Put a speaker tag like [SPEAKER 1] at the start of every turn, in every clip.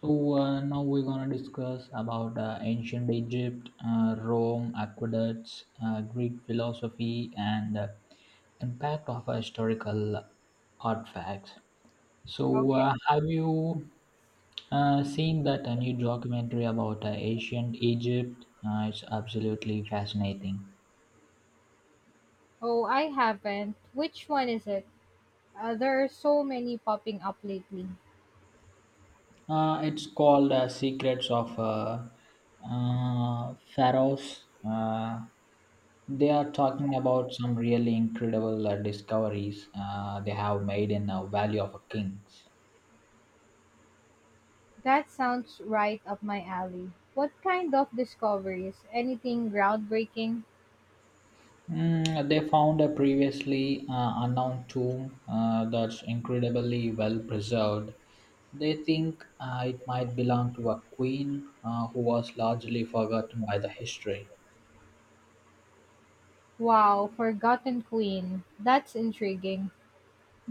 [SPEAKER 1] Now we're gonna discuss about ancient Egypt, Rome, aqueducts, Greek philosophy, and impact of historical artifacts.
[SPEAKER 2] Okay.
[SPEAKER 1] Have you seen that a new documentary about ancient Egypt? It's absolutely fascinating.
[SPEAKER 2] Oh, I haven't. Which one is it? There are so many popping up lately.
[SPEAKER 1] It's called Secrets of Pharaohs. They are talking about some really incredible discoveries they have made in the Valley of Kings.
[SPEAKER 2] That sounds right up my alley. What kind of discoveries? Anything groundbreaking?
[SPEAKER 1] Mm, they found a previously unknown tomb that's incredibly well preserved. They think it might belong to a queen who was largely forgotten by the history.
[SPEAKER 2] Wow, Forgotten Queen. That's intriguing.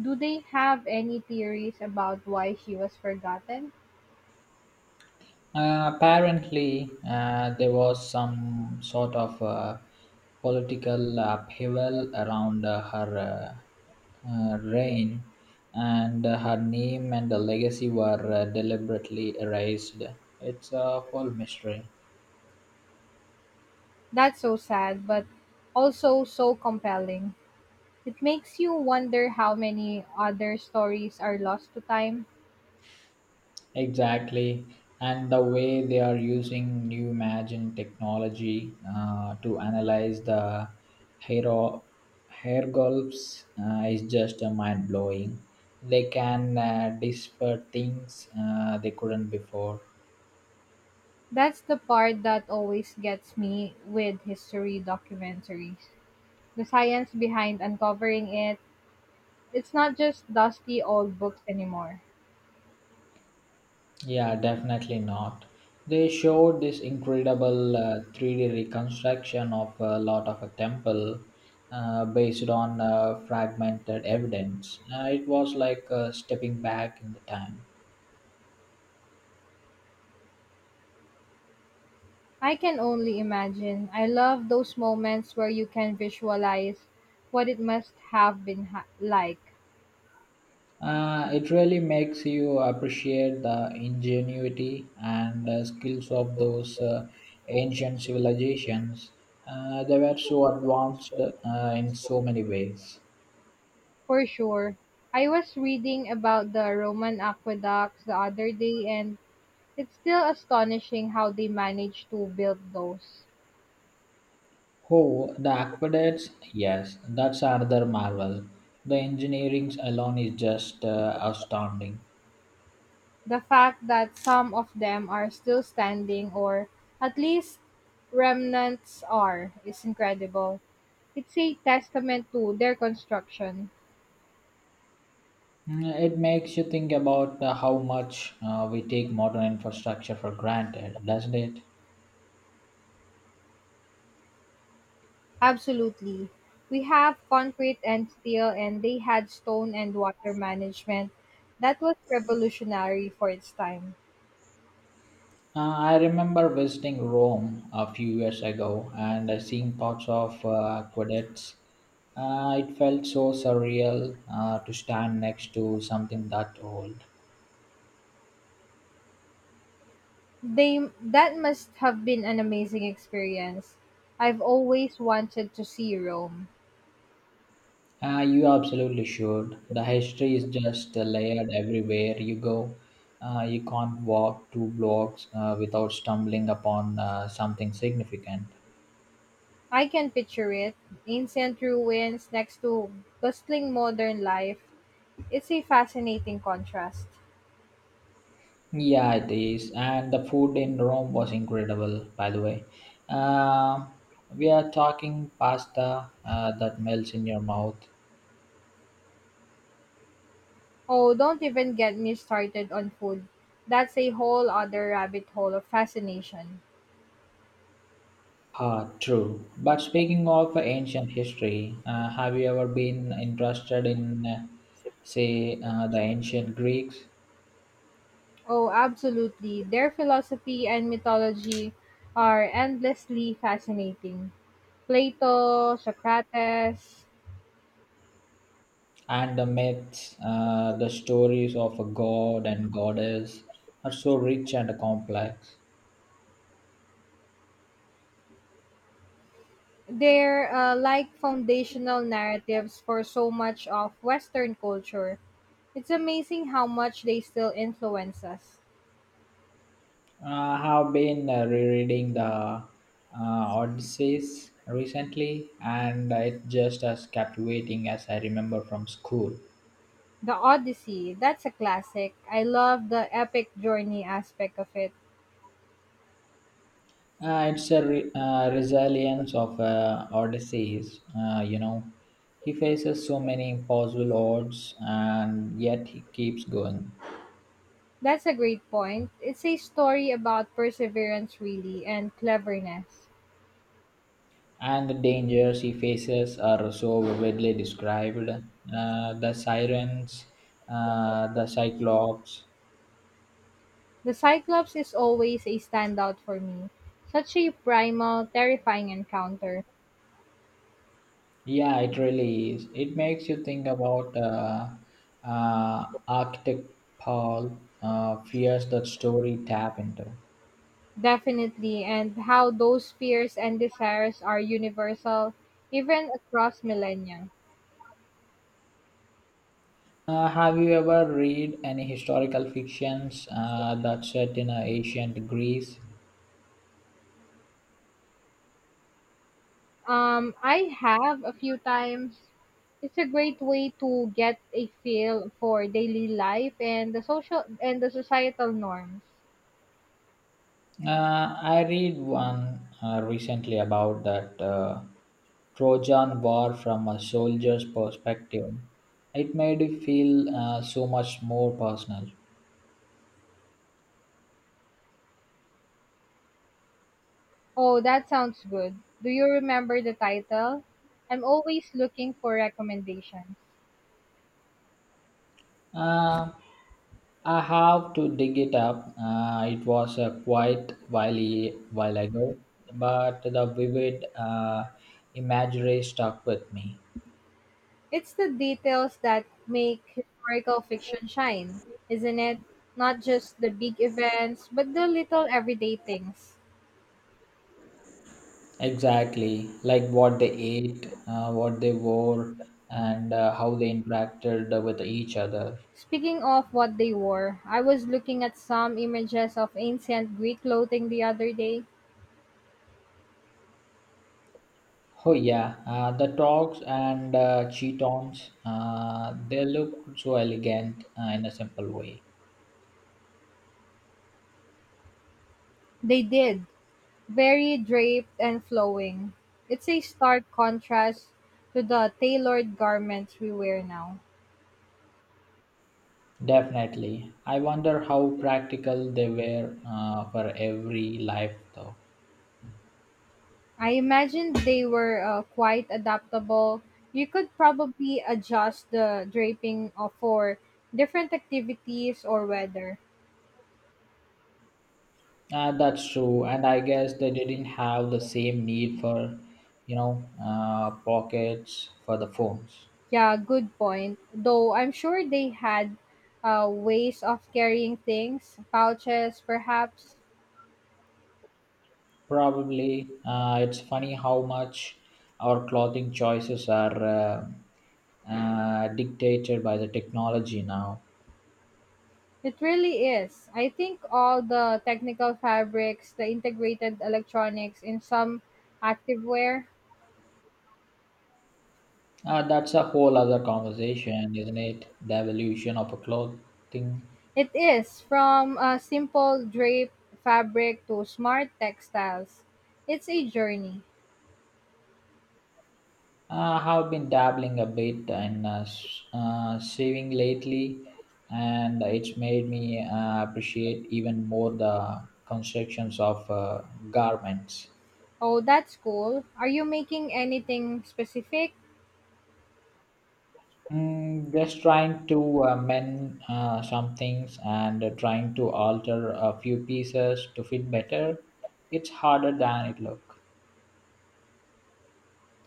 [SPEAKER 2] Do they have any theories about why she was forgotten?
[SPEAKER 1] Apparently, there was some sort of political upheaval around her reign, and her name and the legacy were deliberately erased. It's a whole mystery.
[SPEAKER 2] That's so sad, but also so compelling. It makes you wonder how many other stories are lost to time.
[SPEAKER 1] Exactly, and the way they are using new imaging technology to analyze the hair hair gulps is just mind blowing. They can decipher things they couldn't before.
[SPEAKER 2] That's the part that always gets me with history documentaries. The science behind uncovering it, it's not just dusty old books anymore.
[SPEAKER 1] Yeah, definitely not. They showed this incredible 3D reconstruction of a lot of a temple based on fragmented evidence. It was like stepping back in the time.
[SPEAKER 2] I can only imagine. I love those moments where you can visualize what it must have been like.
[SPEAKER 1] It really makes you appreciate the ingenuity and skills of those ancient civilizations. They were so advanced in so many ways.
[SPEAKER 2] For sure. I was reading about the Roman aqueducts the other day and it's still astonishing how they managed to build those.
[SPEAKER 1] Oh, the aqueducts? Yes, that's another marvel. The engineering alone is just astounding.
[SPEAKER 2] The fact that some of them are still standing, or at least remnants are, is incredible. It's a testament to their construction.
[SPEAKER 1] Mm, it makes you think about how much we take modern infrastructure for granted, doesn't it?
[SPEAKER 2] Absolutely. We have concrete and steel, and they had stone and water management. That was revolutionary for its time.
[SPEAKER 1] I remember visiting Rome a few years ago and seeing parts of aqueducts. It felt so surreal to stand next to something that old.
[SPEAKER 2] They that must have been an amazing experience. I've always wanted to see Rome.
[SPEAKER 1] You absolutely should. The history is just layered everywhere you go. You can't walk two blocks without stumbling upon something significant.
[SPEAKER 2] I can picture it. Ancient ruins next to bustling modern life. It's a fascinating contrast.
[SPEAKER 1] Yeah, it is. And the food in Rome was incredible, by the way. Uh, we are talking pasta that melts in your mouth.
[SPEAKER 2] Oh, don't even get me started on food. That's a whole other rabbit hole of fascination.
[SPEAKER 1] Ah, true. But speaking of ancient history, have you ever been interested in, say, the ancient Greeks?
[SPEAKER 2] Oh, absolutely. Their philosophy and mythology are endlessly fascinating. Plato, Socrates,
[SPEAKER 1] And the myths, the stories of a god and goddess are so rich and complex.
[SPEAKER 2] they're like foundational narratives for so much of Western culture. It's amazing how much they still influence us.
[SPEAKER 1] I have been rereading the Odysseys recently, and it's just as captivating as I remember from school.
[SPEAKER 2] The Odyssey, that's a classic. I love the epic journey aspect of it.
[SPEAKER 1] It's a resilience of Odysseus, you know. He faces so many impossible odds, and yet he keeps going.
[SPEAKER 2] That's a great point. It's a story about perseverance, really, and cleverness.
[SPEAKER 1] And the dangers he faces are so vividly described. The sirens, the cyclops.
[SPEAKER 2] The Cyclops is always a standout for me. Such a primal, terrifying encounter.
[SPEAKER 1] Yeah, it really is. It makes you think about Arctic Paul, fears that story tap into.
[SPEAKER 2] Definitely, and how those fears and desires are universal, even across millennia.
[SPEAKER 1] Have you ever read any historical fictions that set in ancient Greece?
[SPEAKER 2] I have a few times. It's a great way to get a feel for daily life and the social and the societal norms.
[SPEAKER 1] I read one recently about that Trojan War from a soldier's perspective. It made it feel so much more personal.
[SPEAKER 2] Oh, that sounds good. Do you remember the title? I'm always looking for recommendations.
[SPEAKER 1] Uh, I have to dig it up. It was quite while ago, but the vivid imagery stuck with me.
[SPEAKER 2] It's the details that make historical fiction shine, isn't it? Not just the big events, but the little everyday things.
[SPEAKER 1] Exactly, like what they ate, what they wore, and how they interacted with each other.
[SPEAKER 2] Speaking of what they wore, I was looking at some images of ancient Greek clothing the other day.
[SPEAKER 1] Oh yeah, the dogs and cheetons, they look so elegant in a simple way.
[SPEAKER 2] They did, very draped and flowing. It's a stark contrast to the tailored garments we wear now.
[SPEAKER 1] Definitely. I wonder how practical they were for every life though.
[SPEAKER 2] I imagine they were quite adaptable. You could probably adjust the draping for different activities or weather.
[SPEAKER 1] That's true, and I guess they didn't have the same need for, pockets for the phones.
[SPEAKER 2] Yeah, good point. Though I'm sure they had ways of carrying things, pouches perhaps.
[SPEAKER 1] Probably, it's funny how much our clothing choices are dictated by the technology now.
[SPEAKER 2] It really is. I think all the technical fabrics, the integrated electronics in some activewear,
[SPEAKER 1] That's a whole other conversation, isn't it? The evolution of a clothing.
[SPEAKER 2] it is, from a simple drape fabric to smart textiles. It's a journey.
[SPEAKER 1] I have been dabbling a bit in sewing lately, and it's made me appreciate even more the constructions of garments.
[SPEAKER 2] Oh, that's cool. Are you making anything specific?
[SPEAKER 1] Mm, just trying to mend some things and trying to alter a few pieces to fit better. It's harder than it looks.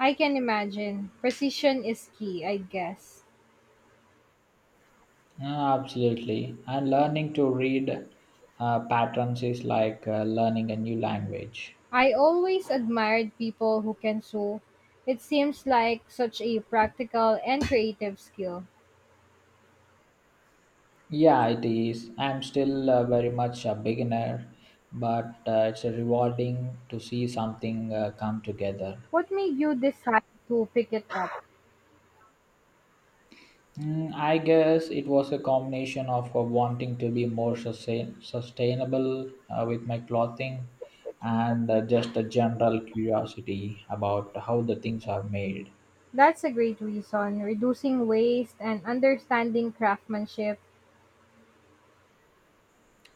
[SPEAKER 2] I can imagine. Precision is key, I guess.
[SPEAKER 1] Yeah, absolutely. And learning to read patterns is like learning a new language.
[SPEAKER 2] I always admired people who can sew. It seems like such a practical and creative skill.
[SPEAKER 1] Yeah, it is. I'm still very much a beginner, but it's rewarding to see something come together.
[SPEAKER 2] What made you decide to pick it up?
[SPEAKER 1] Mm, I guess it was a combination of wanting to be more sustainable with my clothing and just a general curiosity about how the things are made.
[SPEAKER 2] That's a great reason. Reducing waste and understanding craftsmanship.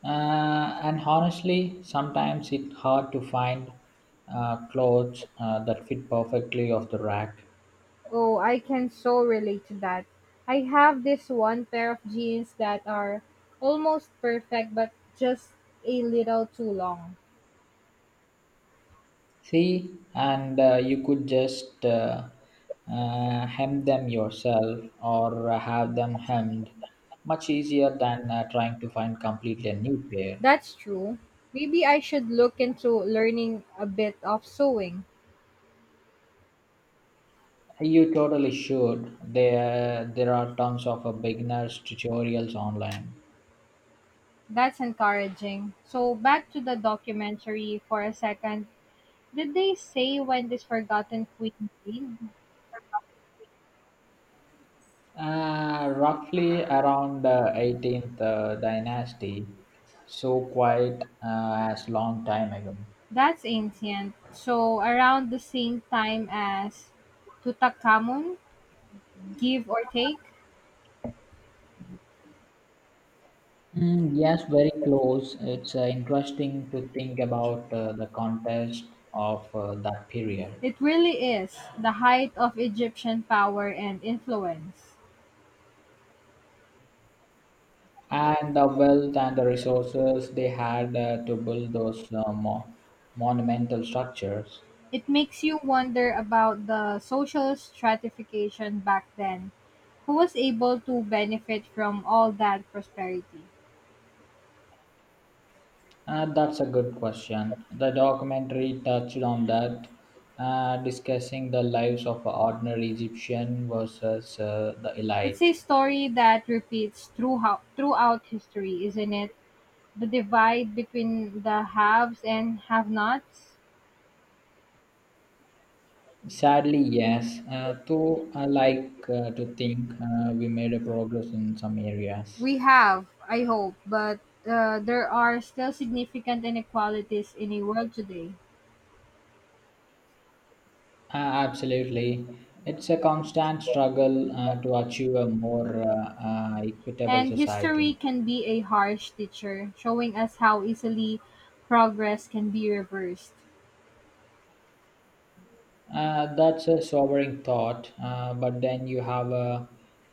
[SPEAKER 1] And honestly, sometimes it's hard to find clothes that fit perfectly off the rack.
[SPEAKER 2] Oh, I can so relate to that. I have this one pair of jeans that are almost perfect but just a little too long.
[SPEAKER 1] See, and you could just hem them yourself or have them hemmed. Much easier than trying to find completely a new pair.
[SPEAKER 2] That's true. Maybe I should look into learning a bit of sewing.
[SPEAKER 1] You totally should. There are tons of beginners tutorials online.
[SPEAKER 2] That's encouraging. So, back to the documentary for a second. Did they say when this forgotten queen lived?
[SPEAKER 1] Roughly around the 18th dynasty, so quite as long time ago.
[SPEAKER 2] That's ancient. So, around the same time as Tutankhamun, give or take?
[SPEAKER 1] Mm, yes, very close. It's interesting to think about the context of that period,
[SPEAKER 2] It really is the height of Egyptian power and influence.
[SPEAKER 1] and the wealth and the resources they had to build those monumental structures.
[SPEAKER 2] It makes you wonder about the social stratification back then. Who was able to benefit from all that prosperity?
[SPEAKER 1] That's a good question. The documentary touched on that, discussing the lives of ordinary Egyptian versus the
[SPEAKER 2] It's
[SPEAKER 1] elite.
[SPEAKER 2] a story that repeats throughout history, isn't it? The divide between the haves and have nots?
[SPEAKER 1] Sadly, yes. Though I like to think we made a progress in some areas.
[SPEAKER 2] We have, I hope, but there are still significant inequalities in the world today.
[SPEAKER 1] Uh, Absolutely. It's a constant struggle to achieve a more equitable
[SPEAKER 2] And history
[SPEAKER 1] society.
[SPEAKER 2] can be a harsh teacher, showing us how easily progress can be reversed.
[SPEAKER 1] That's a sobering thought, but then you have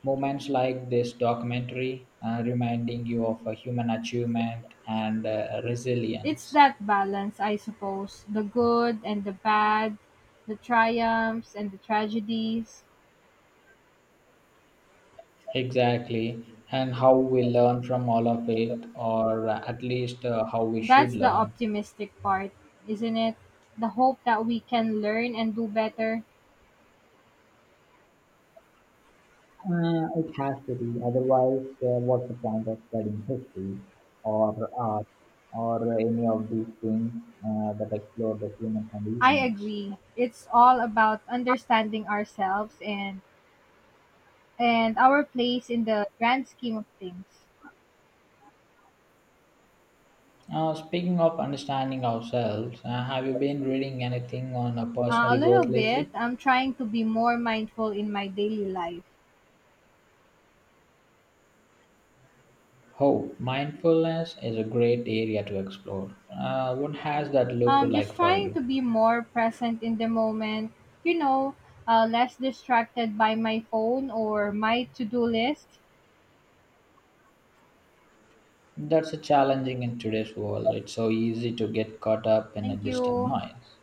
[SPEAKER 1] moments like this documentary reminding you of a human achievement and
[SPEAKER 2] It's
[SPEAKER 1] resilience.
[SPEAKER 2] that balance, I suppose, the good and the bad, the triumphs and the tragedies.
[SPEAKER 1] Exactly, and how we learn from all of it, or at least how we should
[SPEAKER 2] That's the
[SPEAKER 1] learn.
[SPEAKER 2] optimistic part, isn't it? The hope that we can learn and do better.
[SPEAKER 1] It has to be, otherwise, what's the point of studying history or art or any of these things that explore the human
[SPEAKER 2] I
[SPEAKER 1] conditions?
[SPEAKER 2] agree. It's all about understanding ourselves and our place in the grand scheme of things.
[SPEAKER 1] Speaking of understanding ourselves, have you been reading anything on
[SPEAKER 2] A
[SPEAKER 1] personal
[SPEAKER 2] little
[SPEAKER 1] growth
[SPEAKER 2] bit.
[SPEAKER 1] lately?
[SPEAKER 2] I'm trying to be more mindful in my daily life.
[SPEAKER 1] Oh, mindfulness is a great area to explore. What has that looked
[SPEAKER 2] I'm
[SPEAKER 1] like
[SPEAKER 2] just
[SPEAKER 1] for
[SPEAKER 2] trying
[SPEAKER 1] you?
[SPEAKER 2] to be more present in the moment, you know, less distracted by my phone or my to do list.
[SPEAKER 1] That's a challenging in today's world. It's so easy to get caught up in a
[SPEAKER 2] Thank
[SPEAKER 1] distant
[SPEAKER 2] you.
[SPEAKER 1] noise.